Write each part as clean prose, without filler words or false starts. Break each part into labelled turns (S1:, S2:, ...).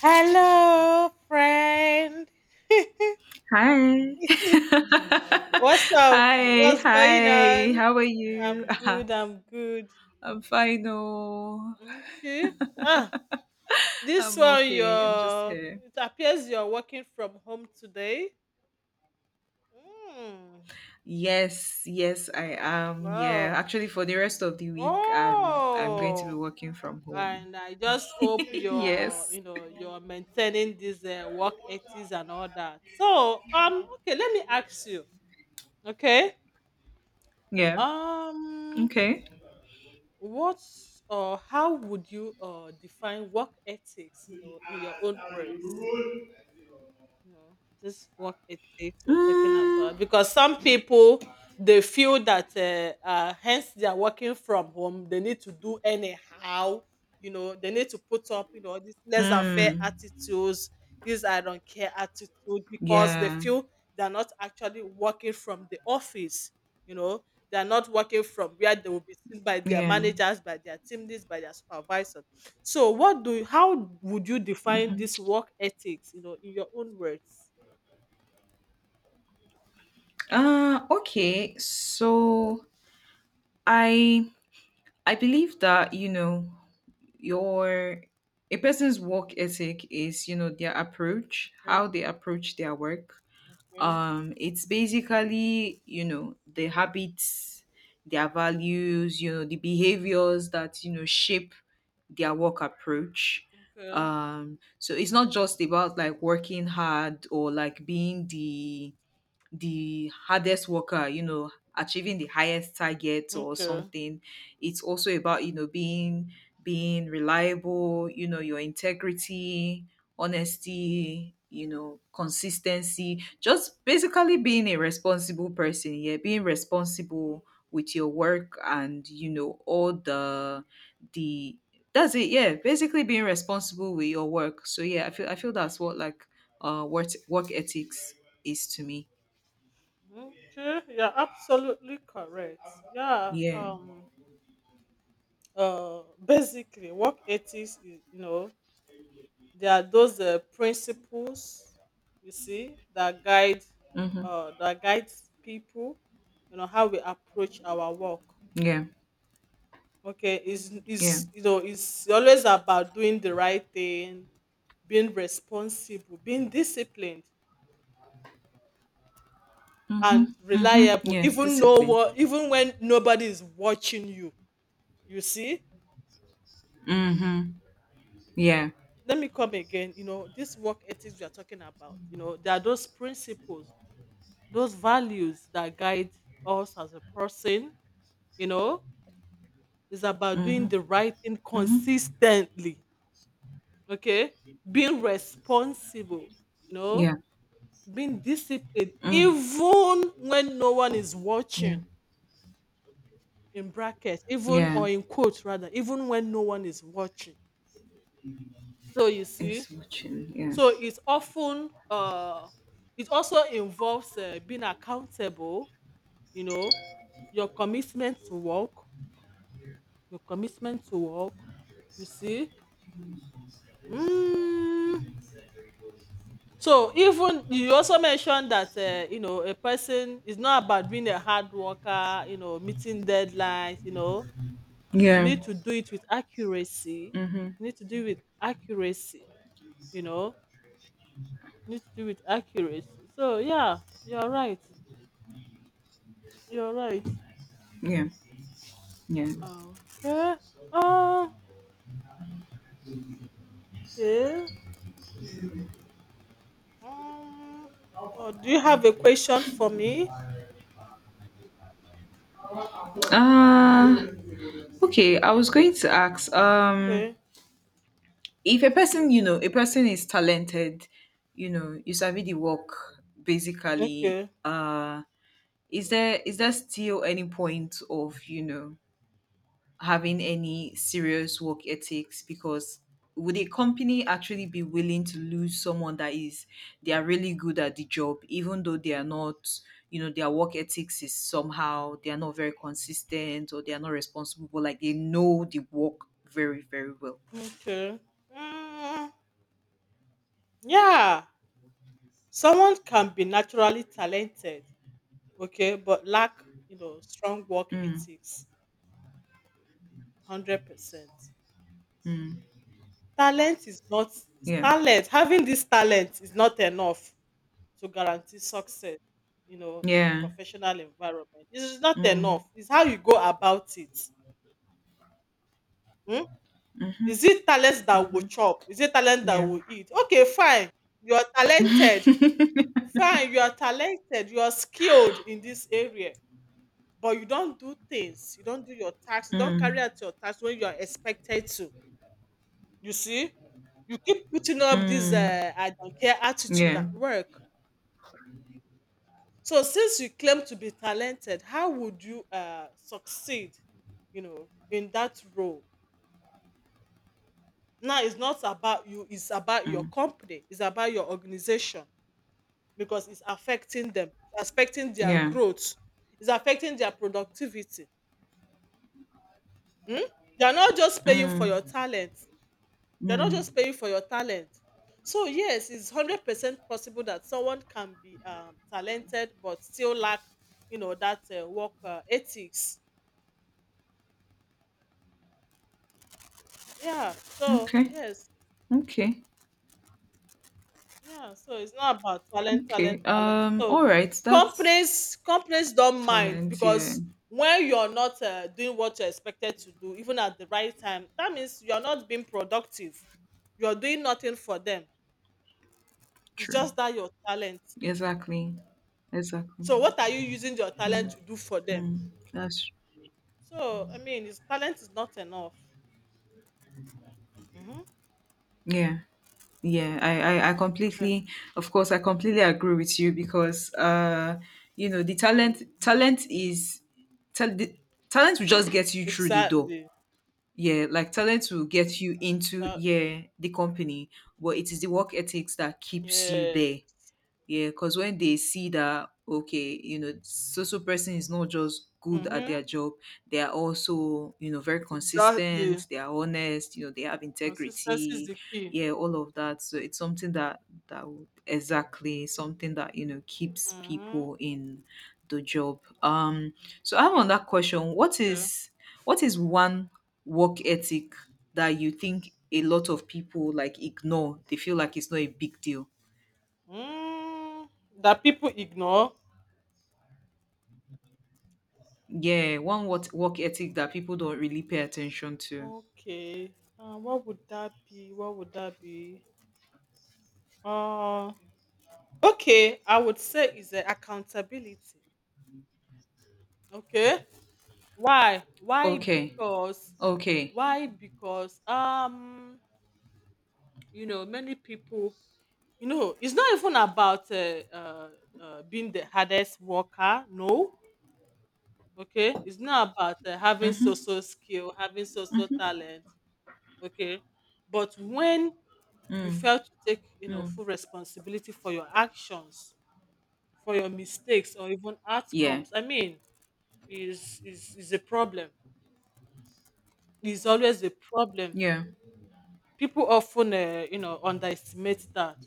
S1: Hello, friend.
S2: Hi.
S1: What's up?
S2: Hi.
S1: What's going
S2: Hi.
S1: on?
S2: How are you?
S1: I'm good. I'm good.
S2: I'm fine. Oh,
S1: Okay. Ah, this
S2: I'm
S1: one,
S2: okay. I'm just
S1: you're.
S2: here.
S1: It appears you're working from home today. Hmm.
S2: Yes, yes, I am. Yeah,
S1: Wow.
S2: actually, for the rest of the week, I'm going to be
S1: Oh,
S2: working from home.
S1: and I just hope you're,
S2: Yes.
S1: you're maintaining this work ethics and all that. So, okay, let me ask you. Okay.
S2: Yeah.
S1: Um.
S2: Okay.
S1: What's or how would you define work ethics, in your own words? No, just what it takes you're talking
S2: Mm.
S1: about. Because some people they feel that hence they are working from home, they need to do anyhow, they need to put up, these laissez-faire
S2: Mm.
S1: attitudes, these I don't care attitude, because they
S2: Yeah.
S1: feel they're not actually working from the office, you know, they're not working from where they will be seen by their
S2: Yeah.
S1: managers, by their team leads, by their supervisors. So what do you how would you define
S2: Mm-hmm.
S1: this work ethics, in your own words?
S2: Okay. So I I believe that you know your a person's work ethic is, you know, their approach,
S1: Okay,
S2: how they approach their work.
S1: okay,
S2: It's basically, you know, the habits, their values, you know, the behaviors that, you know, shape their work approach.
S1: okay,
S2: So it's not just about like working hard or like being the hardest worker, you know, achieving the highest target or
S1: okay.
S2: something. It's also about, you know, being reliable, you know, your integrity, honesty, you know, consistency, just basically being a responsible person, yeah, being responsible with your work, and you know all the that's it yeah, basically being responsible with your work. So yeah, I feel that's what like work ethics is to me.
S1: Okay, you're absolutely correct. Yeah,
S2: Yeah.
S1: um, basically, work ethics is, there are those principles, you see,
S2: Mhm.
S1: that guides people, how we approach our work.
S2: Yeah.
S1: Okay,
S2: Yeah.
S1: it's always about doing the right thing, being responsible, being disciplined and
S2: Mhm. Mhm.
S1: reliable,
S2: Yeah.
S1: even know
S2: Discipline.
S1: what even when nobody is watching you. You see?
S2: Mhm. Yeah.
S1: Let me come again. This work ethics we are talking about, there are those principles, those values that guide us as a person, you know, it's about doing
S2: Mhm.
S1: the right thing
S2: Mhm.
S1: consistently. Okay. Being responsible, you know,
S2: Yeah.
S1: being disciplined
S2: Mhm.
S1: even when no one is
S2: Yeah.
S1: watching in brackets, even
S2: Yeah.
S1: or in quotes rather, even when no one is watching. So you see,
S2: It's watching. Yeah.
S1: so it's often uh it also involves being accountable, you know, your commitment to work, your commitment to work, you see. Mm. So even you also mentioned that a person is not about being a hard worker, meeting deadlines, you
S2: Yeah.
S1: need to do it with accuracy.
S2: Mhm.
S1: You need to do it with accuracy, you know. You need to do with accuracy. So yeah, you're right. You're right.
S2: Yeah. Yeah.
S1: Okay. Uh, okay. Um, oh, do you have a question for me?
S2: Uh okay. I was going to ask.
S1: Okay.
S2: If a person, you know, a person is talented, you know, you sabi the work basically.
S1: Okay.
S2: Is there still any point of, you know, having any serious work ethics? Because would a company actually be willing to lose someone that is, they are really good at the job even though they are not, you know, their work ethics is somehow, they are not very consistent or they are not responsible, but like they know the work very, very well.
S1: Okay. Mm, yeah. Someone can be naturally talented, okay, but lack, strong work
S2: Mm,
S1: ethics, 100%.
S2: mm,
S1: Talent is not
S2: yeah,
S1: talent, having this talent is not enough to guarantee success, in
S2: yeah,
S1: professional environment. It is not
S2: mm,
S1: enough. It's how you go about it. Hmm? Is it talent that will
S2: mm-hmm,
S1: chop? Is it talent that
S2: yeah,
S1: will eat? Okay, fine. You are talented. Fine, you are talented. You are skilled in this area. But you don't do things. You don't do your tasks. You don't carry
S2: mm,
S1: out your tasks when you are expected to. You see? You keep putting up this
S2: mm,
S1: I don't care attitude
S2: yeah,
S1: at work. So since you claim to be talented, how would you succeed, in that role? Now it's not about you, it's about your
S2: mm,
S1: company, it's about your organization because it's affecting them, it's affecting their
S2: yeah,
S1: growth, it's affecting their productivity. Hmm? They are not just paying for your
S2: mm,
S1: talent. They're not just
S2: mm.
S1: paying for your talent. So yes, it's 100% possible that someone can be talented but still lack, that work ethics. Yeah. So
S2: Okay.
S1: yes,
S2: Okay.
S1: yeah. So it's not about talent,
S2: Okay.
S1: talent, talent. So
S2: All right. That's
S1: companies don't mind
S2: talent. Yeah.
S1: because when you're not doing what you're expected to do, even at the right time, that means you're not being productive. You're doing nothing for them. It's
S2: True.
S1: just that your talent.
S2: Exactly. Exactly.
S1: So what are you using your talent to do for them?
S2: Mm. That's
S1: So, I mean, his talent is not enough. Hmm.
S2: yeah. Yeah. I
S1: Yes.
S2: completely. Of course, I completely agree with you, because you know, the talent. Talent is. Tal- the, talent will just get you through the door.
S1: Exactly.
S2: Yeah, like talent will get you into,
S1: That- mm,
S2: yeah, the company, but it is the work ethics that keeps you
S1: yeah.
S2: there. Yeah, because when they see that, okay, you know, so so person is not just good at
S1: Mm-hmm.
S2: their job, they are also, you know, very consistent,
S1: Exactly.
S2: they are honest, you know, they have
S1: Consistency is
S2: integrity,
S1: the key.
S2: yeah, all of that. So it's something that that would exactly something that, you know, keeps
S1: Mm-hmm.
S2: people in the job. So I have another question. What
S1: Okay.
S2: is what is one work ethic that you think a lot of people like ignore? They feel like it's not a big deal.
S1: Mm, that people ignore.
S2: Yeah, one what work ethic that people don't really pay attention to.
S1: Okay. What would that be? What would that be? Uh, okay. I would say is the accountability. Okay. Why? Why?
S2: Okay.
S1: Because.
S2: Okay.
S1: Why? Because many people, it's not even about being the hardest worker. No, okay, it's not about having
S2: Mm,
S1: social skill, having social talent. Okay, but when you
S2: mm,
S1: fail to take
S2: mm.
S1: full responsibility for your actions, for your mistakes, or even
S2: Yeah.
S1: outcomes, I mean, is a problem. Is always a problem.
S2: Yeah.
S1: People often underestimate that.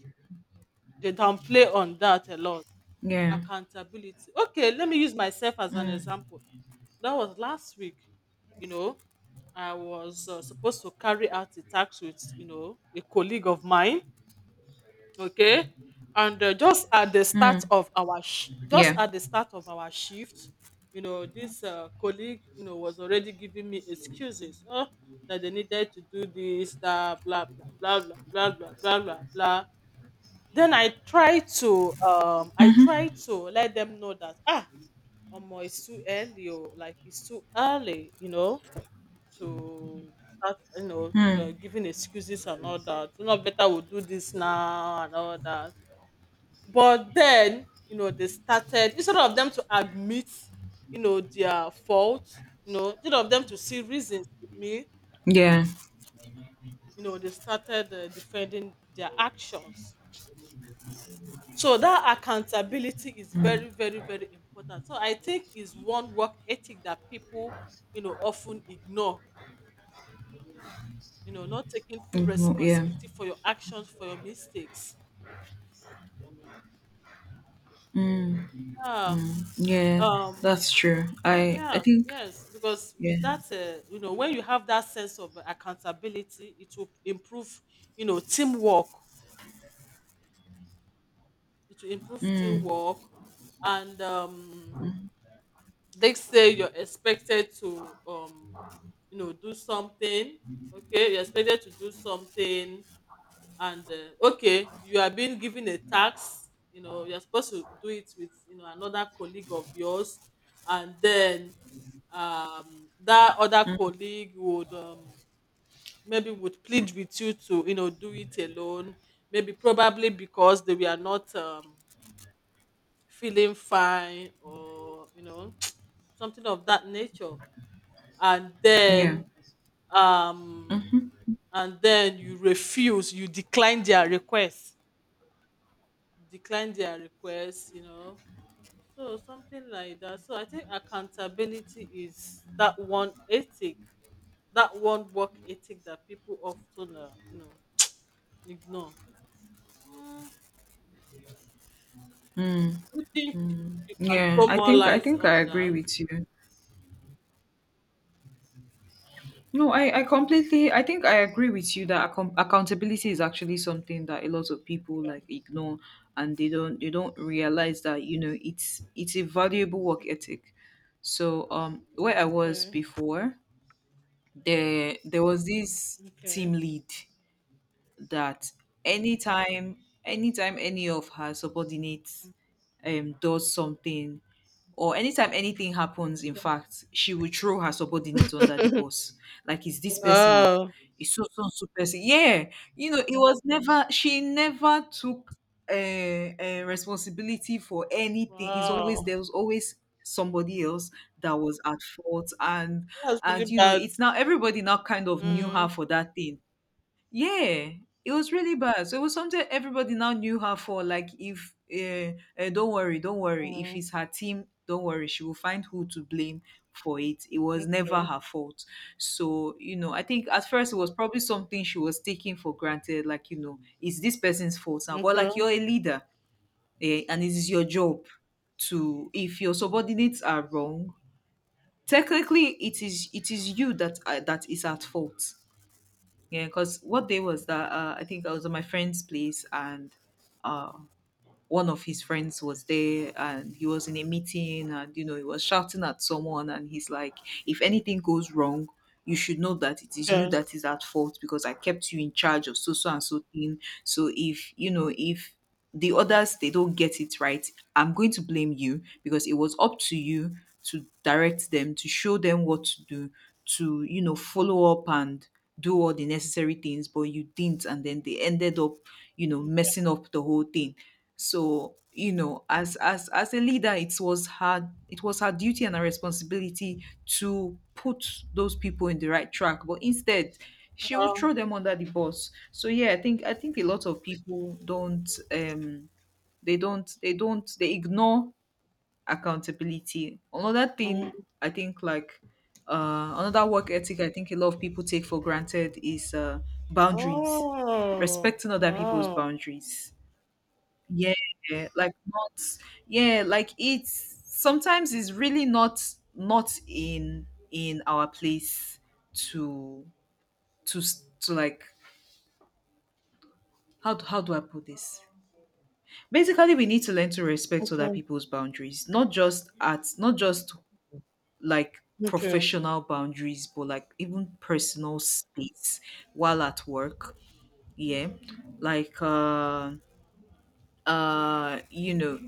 S1: They downplay on that a lot.
S2: Yeah.
S1: Accountability, okay, let me use myself as an
S2: Mm,
S1: example. That was last week. you know I was supposed to carry out a task with a colleague of mine. Okay. And
S2: mm.
S1: just
S2: Yeah.
S1: at the start of our shift, this colleague, was already giving me excuses. Oh, that they needed to do this, that, blah blah blah blah blah blah blah blah blah. Then i try to um i try
S2: Mm-hmm.
S1: to let them know that, Omo, it's too early. Oh. Like it's too early, to start,
S2: Mm.
S1: giving excuses and all that. Better we'll do this now and all that. But then, they started instead of them to admit, their fault. Instead of them to see reasons with me,
S2: Yeah.
S1: they started defending their actions. So that accountability is
S2: Mm.
S1: very, very, very important. So I think is one work ethic that people often ignore, not taking full
S2: Mm, no, yeah.
S1: responsibility for your actions, for your mistakes.
S2: Mm.
S1: Yeah.
S2: Yeah.
S1: Um,
S2: That's true. I
S1: yeah,
S2: think
S1: yes, because
S2: yeah.
S1: with that, when you have that sense of accountability, it will improve, teamwork. It will improve
S2: Mm.
S1: teamwork, and they say you're expected to, do something. Okay, you're expected to do something and okay you are being given a tax, you're supposed to do it with another colleague of yours, and then that other colleague would maybe would plead with you to do it alone, maybe probably because they were not feeling fine, or something of that nature, and
S2: Yeah.
S1: then um and then you refuse, you decline their requests. So something like that. So I think accountability is that one ethic, that one work ethic that people often, ignore. Mm,
S2: Mm.
S1: you think you can
S2: Yeah.
S1: throw
S2: I
S1: more
S2: think I
S1: light
S2: think I
S1: on
S2: agree
S1: that?
S2: with you. No, I completely, I think I agree with you that accountability is actually something that a lot of people like ignore, and they don't, they don't realize that, you know, it's a valuable work ethic. So where I was
S1: Okay,
S2: before, there was this team
S1: okay.
S2: lead that anytime, anytime any of her subordinates does something, or anytime anything happens, in fact, she will throw her subordinates under the bus. Like, it's this person, oh,
S1: Wow,
S2: it's so so so person. Yeah, you know, it was never, she never took responsibility for anything. It's always,
S1: wow,
S2: there was always somebody else that was at fault.
S1: that's really
S2: And you know,
S1: bad.
S2: it's now everybody now kind of knew
S1: Mm,
S2: her for that thing. Yeah, it was really bad. So it was something everybody now knew her for. Like, if don't worry, don't worry. If
S1: mm,
S2: it's her team, don't worry. She will find who to blame for it. It
S1: mm,
S2: was never her fault. So you know, I think at first it was probably something she was taking for granted. Like, you know, it's this person's fault now. But
S1: okay,
S2: like, you're a leader, eh, and it is your job to, if your subordinates are wrong. Technically, it is you that that is at fault. Yeah, because what day was that? I think I was at my friend's place, and uh, one of his friends was there, and he was in a meeting, and you know, he was shouting at someone, and he's like, if anything goes wrong, you should know that it is you
S1: yes.
S2: that is at fault, because I kept you in charge of so so and so thing. So if, you know, if the others, they don't get it right, I'm going to blame you, because it was up to you to direct them, to show them what to do, to, you know, follow up and do all the necessary things, but you didn't, and then they ended up, you know, messing up the whole thing. So you know, as as a leader, it was her duty and her responsibility to put those people in the right track, but instead she would
S1: Wow.
S2: throw them under the bus. So yeah, I think a lot of people don't um, they don't they ignore accountability. Another thing
S1: Mm.
S2: I think like, another work ethic I think a lot of people take for granted is boundaries,
S1: Oh,
S2: respecting other people's
S1: wow.
S2: boundaries. Yeah, like not, yeah, like it's sometimes it's really not not in in our place to to like, how do I put this? Basically, we need to learn to respect other
S1: Okay,
S2: people's boundaries, not just at, not just like
S1: okay.
S2: professional boundaries, but like even personal space while at work. Yeah, like you know,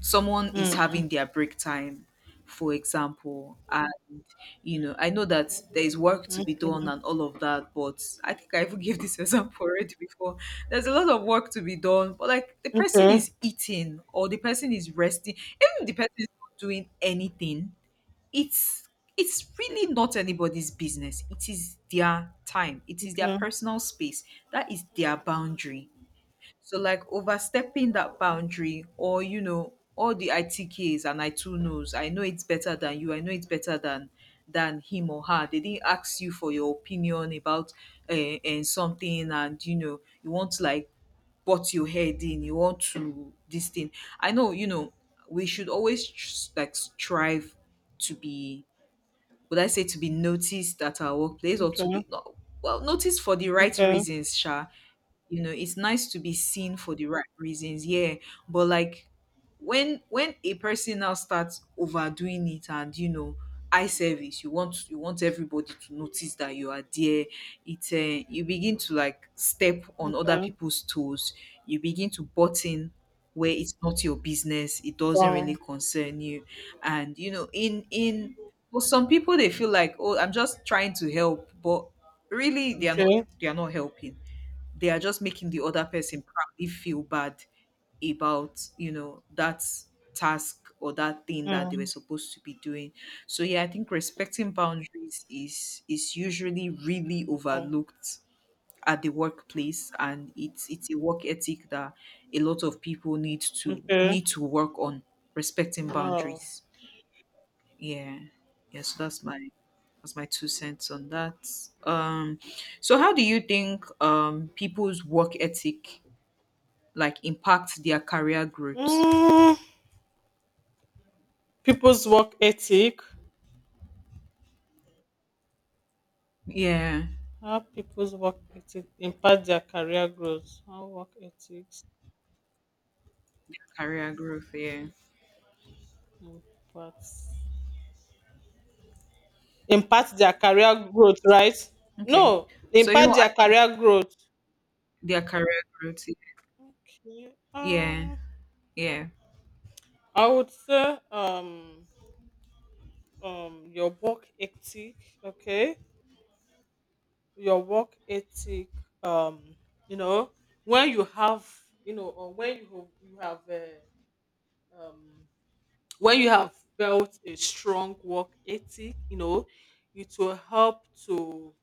S2: someone is having their break time, for example, and you know, I know that there is work
S1: Mm.
S2: to be done and all of that, but I think I even gave this example already before. There's a lot of work to be done, but like the person
S1: Okay,
S2: is eating or the person is resting, even if the person is not doing anything, it's it's really not anybody's business. It is their time, it is their
S1: okay,
S2: personal space, that is their boundary. So like overstepping that boundary, or you know, all the ITKs and I too knows, I know it's better than you, I know it's better than him or her. They didn't ask you for your opinion about and something, and you know, you want to like butt your head in, you want to this thing. I know, you know, we should always like strive to be, would I say, to be noticed at our workplace, or to
S1: okay,
S2: be well noticed for the right
S1: okay,
S2: reasons, Sha. You know, it's nice to be seen for the right reasons, yeah. But like, when a person now starts overdoing it, and you know, eye service, you want everybody to notice that you are there, it you begin to like step on other
S1: okay.
S2: people's toes, you begin to butt in where it's not your business, it doesn't really
S1: Wow.
S2: concern you. And you know, in, for some people, they feel like, oh, I'm just trying to help, but really they are not,
S1: Okay.
S2: they are not helping, they are just making the other person probably feel bad about, you know, that task or that thing that they were
S1: Mm,
S2: supposed to be doing. So yeah, I think respecting boundaries is usually really overlooked at the workplace, and it's a work ethic that a lot of people need to
S1: okay.
S2: need to work on. Respecting
S1: Wow.
S2: boundaries, yeah, yeah. So that's my, that's my two cents on that. Um, so how do you think people's work ethic like impact their career growth?
S1: Mm, people's work ethic.
S2: Yeah,
S1: How people's work ethic impact their career growth. How work ethics
S2: career growth. Yeah.
S1: impacts impact their career growth, right?
S2: Okay.
S1: No,
S2: So you
S1: impact
S2: know, I
S1: their
S2: can,
S1: career growth.
S2: their career growth.
S1: Okay.
S2: Yeah. Yeah.
S1: I would say your work ethic. Okay, your work ethic, um you know when you have, or when you have um when you have built a strong work ethic, it will help to,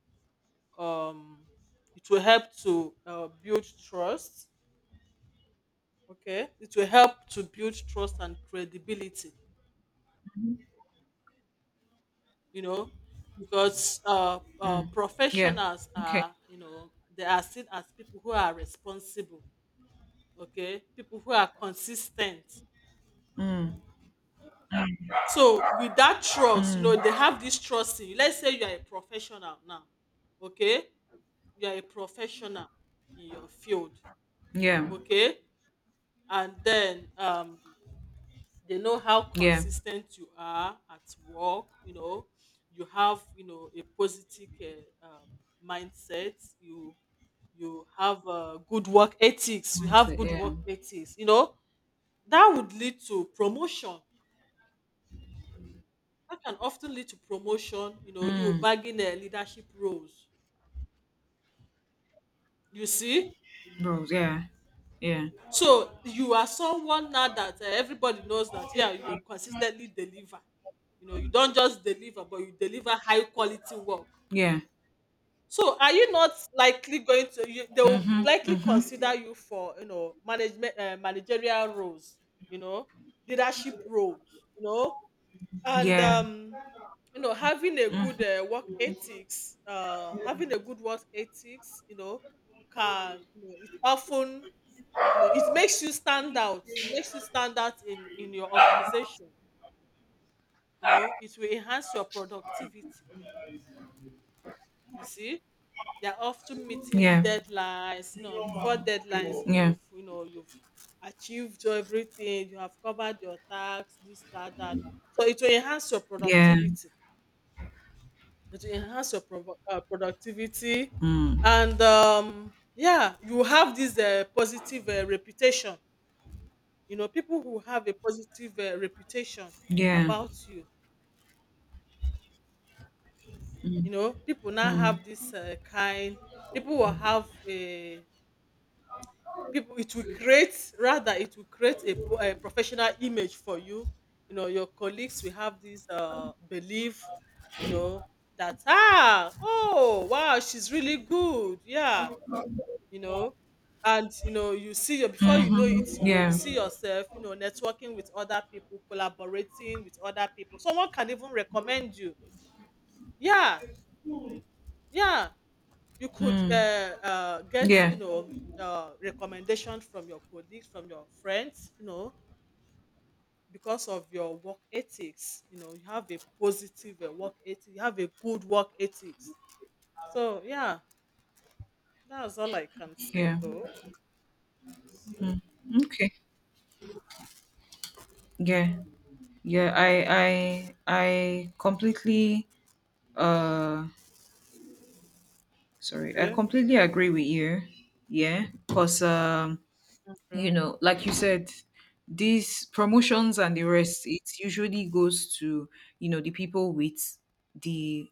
S1: um it will help to build trust. Okay, it will help to build trust and credibility, you know because
S2: Mm. Yeah.
S1: professionals
S2: Okay.
S1: are, they are seen as people who are responsible, okay, people who are consistent.
S2: Mm.
S1: So with that trust,
S2: Mm.
S1: they have this trust in you. Let's say you are a professional now, okay. You are a professional in your field,
S2: Yeah.
S1: okay. And then they know how
S2: Yeah.
S1: consistent you are at work, you have, a positive uh, um, mindset. you you have good work ethics, you have
S2: Mindset.
S1: good
S2: Yeah.
S1: work ethics, that would lead to promotion. That can often lead to promotion, you
S2: Mm.
S1: bagging leadership roles. You see?
S2: Bro. Yeah. Yeah.
S1: So you are someone now that everybody knows that, yeah, you consistently deliver. You don't just deliver, but you deliver high quality work.
S2: Yeah.
S1: So are you not likely going to, they will
S2: Mhm.
S1: likely
S2: Mhm.
S1: consider you for, management, managerial roles, you know, leadership roles, you know? And
S2: Yeah.
S1: having a good work ethics, having a good work ethics, can, it often, it makes you stand out. It makes you stand out in your organization. It will enhance your productivity. You see, they're often meeting
S2: Yeah.
S1: deadlines, before deadlines.
S2: Yeah.
S1: You've, you've achieved everything, you have covered your tasks, this, that, that, so it will enhance your
S2: Yeah.
S1: productivity. It will enhance your productivity.
S2: Mm.
S1: And yeah, you have this positive reputation. People who have a positive reputation
S2: Yeah.
S1: about you, you
S2: Mm.
S1: know people now
S2: Mm.
S1: have this kind, people will have a, people, it will create, rather it will create a, a professional image for you. You know Your colleagues will have this belief, you know that, ah, oh wow, she's really good, yeah. you know and you see your, before you know
S2: Mhm.
S1: it, you
S2: Yeah.
S1: see yourself, networking with other people, collaborating with other people, someone can even recommend you. Yeah, yeah, you could
S2: Mm.
S1: get,
S2: Yeah.
S1: recommendation from your colleagues, from your friends, because of your work ethics. You have a positive work ethic, you have a good work ethics. So yeah, that's all I can say
S2: Yeah.
S1: though.
S2: Okay. Yeah. Yeah, I completely uh sorry, I
S1: Okay,
S2: completely agree with you. Yeah, because you
S1: okay,
S2: know, like you said, these promotions and the rest, it usually goes to, you know, the people with the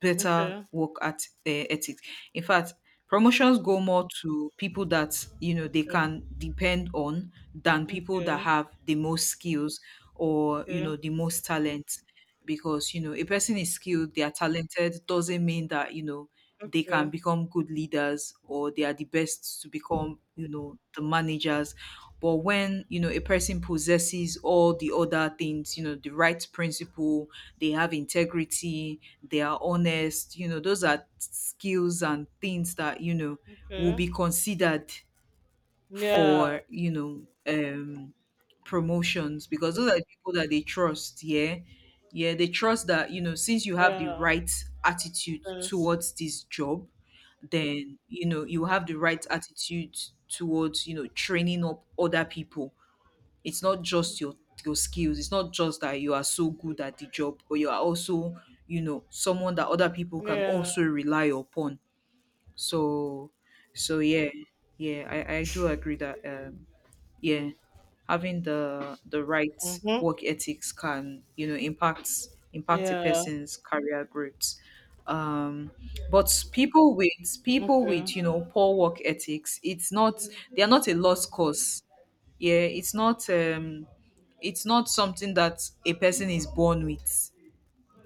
S2: better
S1: okay,
S2: work at ethics. In fact, promotions go more to people that, you know, they
S1: okay,
S2: can depend on than people that
S1: okay.
S2: have the most skills, or, you
S1: Okay,
S2: know, the most talent. Because you know a person is skilled, they are talented doesn't mean that, you know, they can
S1: okay,
S2: become good leaders or they are the best to become, you know, the managers. But when you know a person possesses all the other things, you know, the right principle, they have integrity, they are honest, you know, those are skills and things that, you know, will
S1: okay.
S2: be considered
S1: Yeah,
S2: for, you know, um promotions, because those are the people that they trust. Yeah, yeah, they trust that, you know, since you have the
S1: yeah,
S2: right attitude
S1: yes.
S2: towards this job, then, you know, you have the right attitude towards, you know, training up other people. It's not just your skills, it's not just that you are so good at the job, but you are also, you know, someone that other people can
S1: Yeah.
S2: also rely upon. So so yeah yeah, I do agree that, um yeah having the right
S1: Mm-hmm.
S2: work ethics can, you know, impact a
S1: Yeah.
S2: person's career growth. um but people with people
S1: Okay.
S2: with, you know, poor work ethics, it's not, they are not a lost cause. Yeah, it's not, it's not something that a person is born with.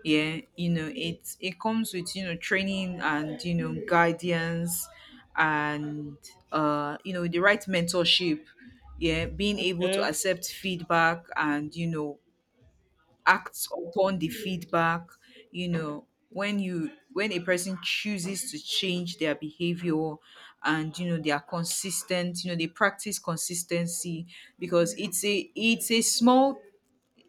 S2: Yeah, you know, it comes with, you know, training and, you know, guidance, and you know, the right mentorship. Yeah, being able to
S1: Okay.
S2: accept feedback and, you know, act upon the feedback. You know, when you, when a person chooses to change their behavior and, you know, they are consistent, you know, they practice consistency, because it's a, it's a small,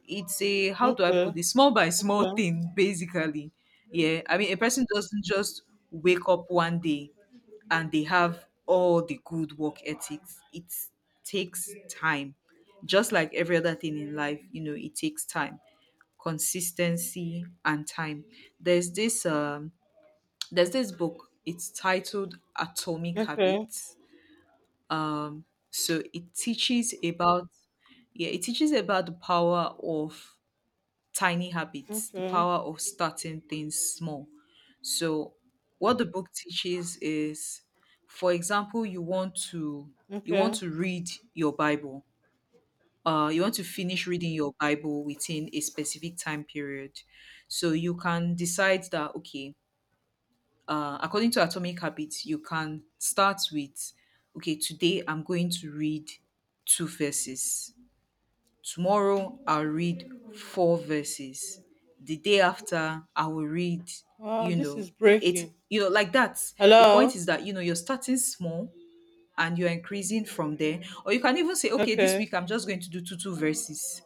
S2: it's a, how do I put
S1: Okay.
S2: this, small by small
S1: Okay.
S2: thing basically. Yeah, I mean a person doesn't just wake up one day and they have all the good work ethics. It takes time, just like every other thing in life. You know, it takes time, consistency, and time. There's this um, there's this book. It's titled Atomic
S1: Okay.
S2: Habits. Um, so it teaches about, yeah, it teaches about the power of tiny habits, the
S1: Okay.
S2: power of starting things small. So, what the book teaches is, for example, you want
S1: Okay.
S2: to read your Bible. You want to finish reading your Bible within a specific time period. So you can decide that, okay, according to Atomic Habits, you can start with, okay, today I'm going to read two verses. Tomorrow I'll read four verses. The day after I will read,
S1: Wow,
S2: you
S1: this
S2: know,
S1: is
S2: it's,
S1: breaking.
S2: you know, like that. The point
S1: Hello?
S2: is that, you know, you're starting small and you're increasing from there. Or you can even say, okay, this
S1: Okay.
S2: week I'm just going to do two verses,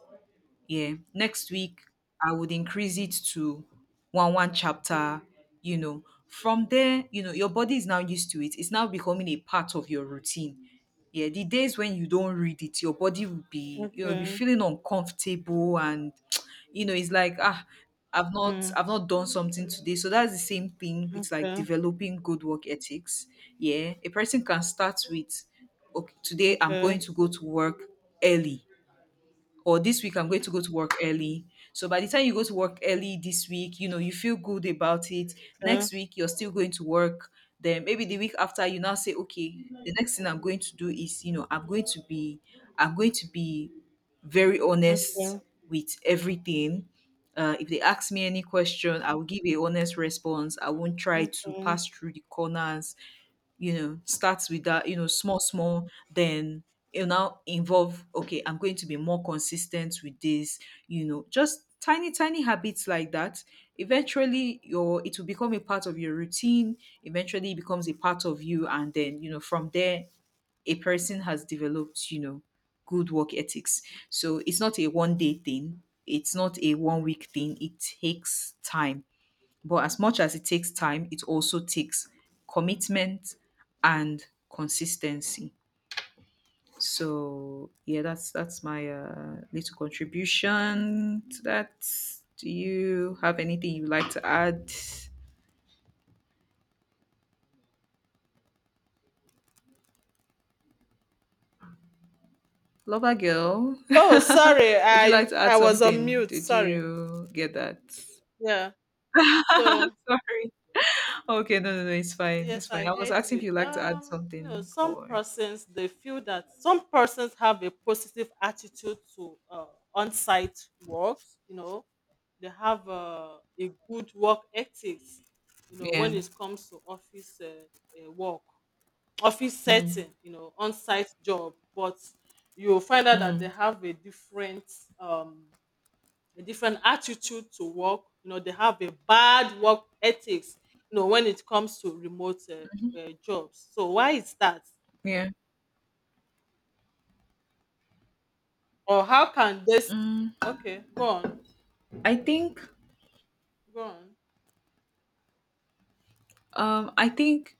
S2: yeah, next week I would increase it to one chapter. You know, from there, you know, your body is now used to it, it's now becoming a part of your routine. Yeah, the days when you don't read it, your body will be, you know, be
S1: Okay.
S2: feeling uncomfortable and you know, it's like, ah,
S1: Mm.
S2: I've not done something today. So that's the same thing with like
S1: Okay.
S2: developing good work ethics. Yeah, a person can start with, okay, today I'm
S1: Okay.
S2: going to go to work early, or this week I'm going to go to work early. So by the time you go to work early this week, you know, you feel good about it.
S1: Okay.
S2: Next week, you're still going to work. Then maybe the week after, you now say, okay, the next thing I'm going to do is, you know, I'm going to be very honest
S1: Okay.
S2: with everything. If they ask me any question, I will give a honest response. I won't try to
S1: Okay.
S2: pass through the corners. You know, starts with that, you know, small small, then it will now involve, okay, I'm going to be more consistent with this. You know, just tiny tiny habits like that, eventually your it will become a part of your routine. Eventually it becomes a part of you, and then, you know, from there a person has developed, you know, good work ethics. So it's not a one day thing, it's not a one week thing, it takes time. But as much as it takes time, it also takes commitment and consistency. So yeah, that's my little contribution to that. Do you have anything you'd like to add? Lover girl,
S1: Oh, sorry.
S2: would you like
S1: I
S2: to add
S1: I was on
S2: something?
S1: mute.
S2: Did
S1: Sorry.
S2: you get that?
S1: Yeah. So,
S2: Sorry. Okay, no, no, no, it's fine.
S1: yes,
S2: It's
S1: I
S2: fine. I was
S1: heard
S2: asking if
S1: you.
S2: you'd like to add something
S1: Some
S2: or.
S1: persons they feel that some persons have a positive attitude to on-site works. You know, they have a good work ethics. You know,
S2: Yeah.
S1: when it comes to office work, office
S2: Mm.
S1: setting, on-site job, but you will find out that they
S2: Mm.
S1: have um a different attitude to work. They have a bad work ethics, when it comes to remote jobs. So why is that?
S2: Yeah.
S1: Or how can this?
S2: Mm.
S1: Okay, go on,
S2: I think.
S1: go on.
S2: I think,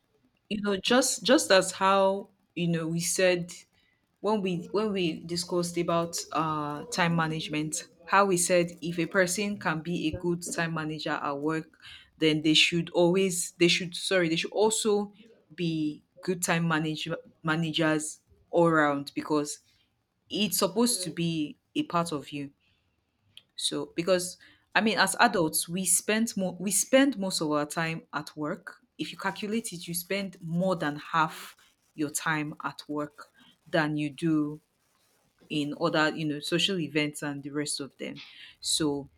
S2: you know, just as how, you know, we said when we, discussed about time management, how we said if a person can be a good time manager at work, then they should, sorry, they should also be good time managers all around, because it's supposed to
S1: Okay,
S2: be a part of you. So because, I mean, as adults,
S1: yeah,
S2: we spend most of our time at work. If you calculate it, you spend more than
S1: yeah,
S2: half your time at work than you do in other, you know, social events and the rest of them. So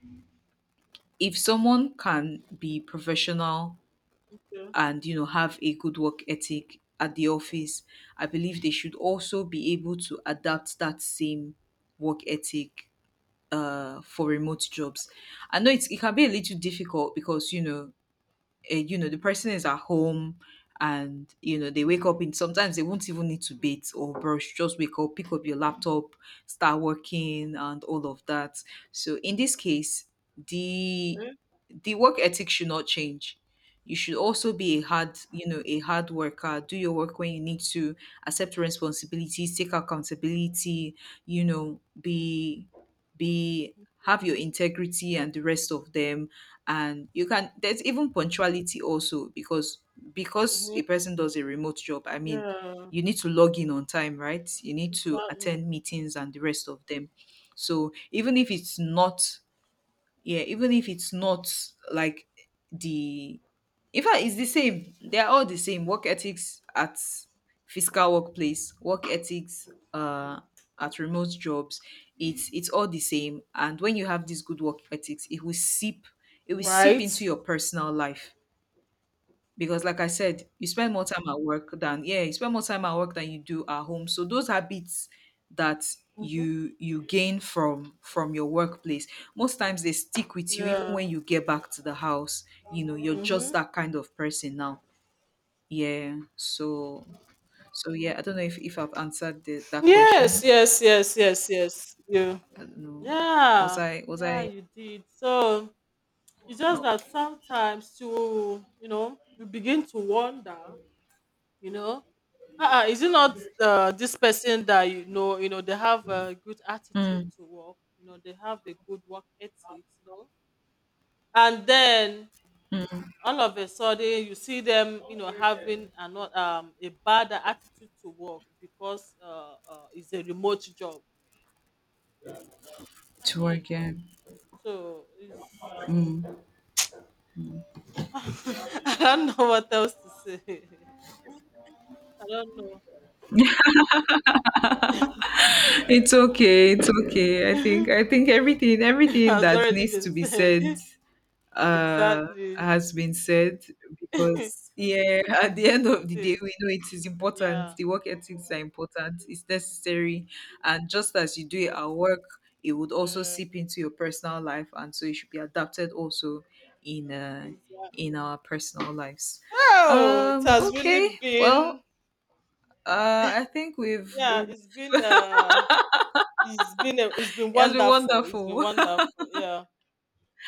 S2: if someone can be professional
S1: yeah.
S2: and, you know, have a good work ethic at the office, I believe they should also be able to adapt that same work ethic for remote jobs. I know it's, it can be a little difficult because, you know, you know the person is at home, and you know they wake up in, sometimes they won't even need to bathe or brush, just wake up, pick up your laptop, start working and all of that. So in this case, the
S1: Okay.
S2: the work ethic should not change. You should also be a hard you know, a hard worker, do your work when you need to, accept responsibilities, take accountability, you know, be have your integrity and the rest of them. And you can, there's even punctuality also, because
S1: Mhm,
S2: a person does a remote job, I mean,
S1: yeah,
S2: you need to log in on time, right? You need to
S1: exactly.
S2: attend meetings and the rest of them. So even if it's not, yeah, even if it's not like the, in fact, it's the same, they're all the same work ethics at physical workplace, work ethics at remote jobs, it's all the same. And when you have this good work ethics, it will seep
S1: Right.
S2: into your personal life, because like I said, you spend more time at work than yeah, you spend more time at work than you do at home. So those habits that
S1: Hmm.
S2: you gain from your workplace, most times they stick with you even
S1: Yeah.
S2: when you get back to the house. You know, you're
S1: Hmm.
S2: just that kind of person now, yeah. So so yeah, I don't know if I've answered the, that
S1: Yes,
S2: question.
S1: yes, yes, yes, yes.
S2: I
S1: You.
S2: don't know, was
S1: Yeah.
S2: i was
S1: Yeah,
S2: i
S1: you did. So, it's just that
S2: okay.
S1: sometimes you begin to wonder, you know, is it not this person that they have a good attitude
S2: Mm,
S1: to work, they have a good work ethics, and then all of a sudden you see them having another a bad attitude to work because it's a remote job. I
S2: to
S1: mean,
S2: work, yeah.
S1: so it's. I don't know what else to say. I don't know.
S2: It's okay. It's okay. I think, everything,
S1: Has
S2: that
S1: already
S2: needs
S1: been
S2: to be
S1: said.
S2: said uh
S1: Exactly.
S2: has been said,
S1: It
S2: because yeah, at the end of the day
S1: is.
S2: we know it is
S1: Yeah.
S2: important. The work ethics are important, it's necessary. And just as you do it at work, it would also seep
S1: Mm,
S2: into your personal life, and so it should be adapted also in uh in
S1: exactly.
S2: our personal lives.
S1: Oh, it
S2: Um,
S1: has
S2: okay.
S1: really
S2: Well,
S1: been.
S2: I think
S1: Yeah,
S2: we've,
S1: it's been. It's been. It's been
S2: it has been
S1: wonderful. It's been
S2: wonderful.
S1: wonderful. Yeah.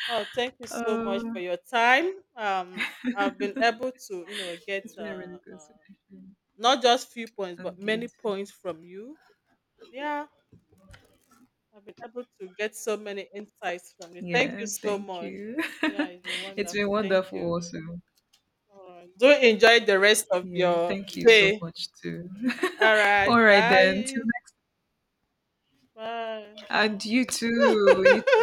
S1: Oh, thank you so much for
S2: Oh,
S1: your time. I've been able to, get
S2: it's been a really good session.
S1: not just few points, but
S2: And you
S1: many
S2: too.
S1: points from you. Yeah. I've been able to get so many insights from you. Thank you
S2: Yeah,
S1: so
S2: thank
S1: much.
S2: you.
S1: Yeah, it's been
S2: It's been
S1: wonderful. Thank
S2: wonderful
S1: you.
S2: also.
S1: All right. Do enjoy the rest of
S2: Yeah,
S1: your
S2: thank you so
S1: day.
S2: much too.
S1: All right.
S2: All right then. Till.
S1: Bye. Bye.
S2: And you too. You too,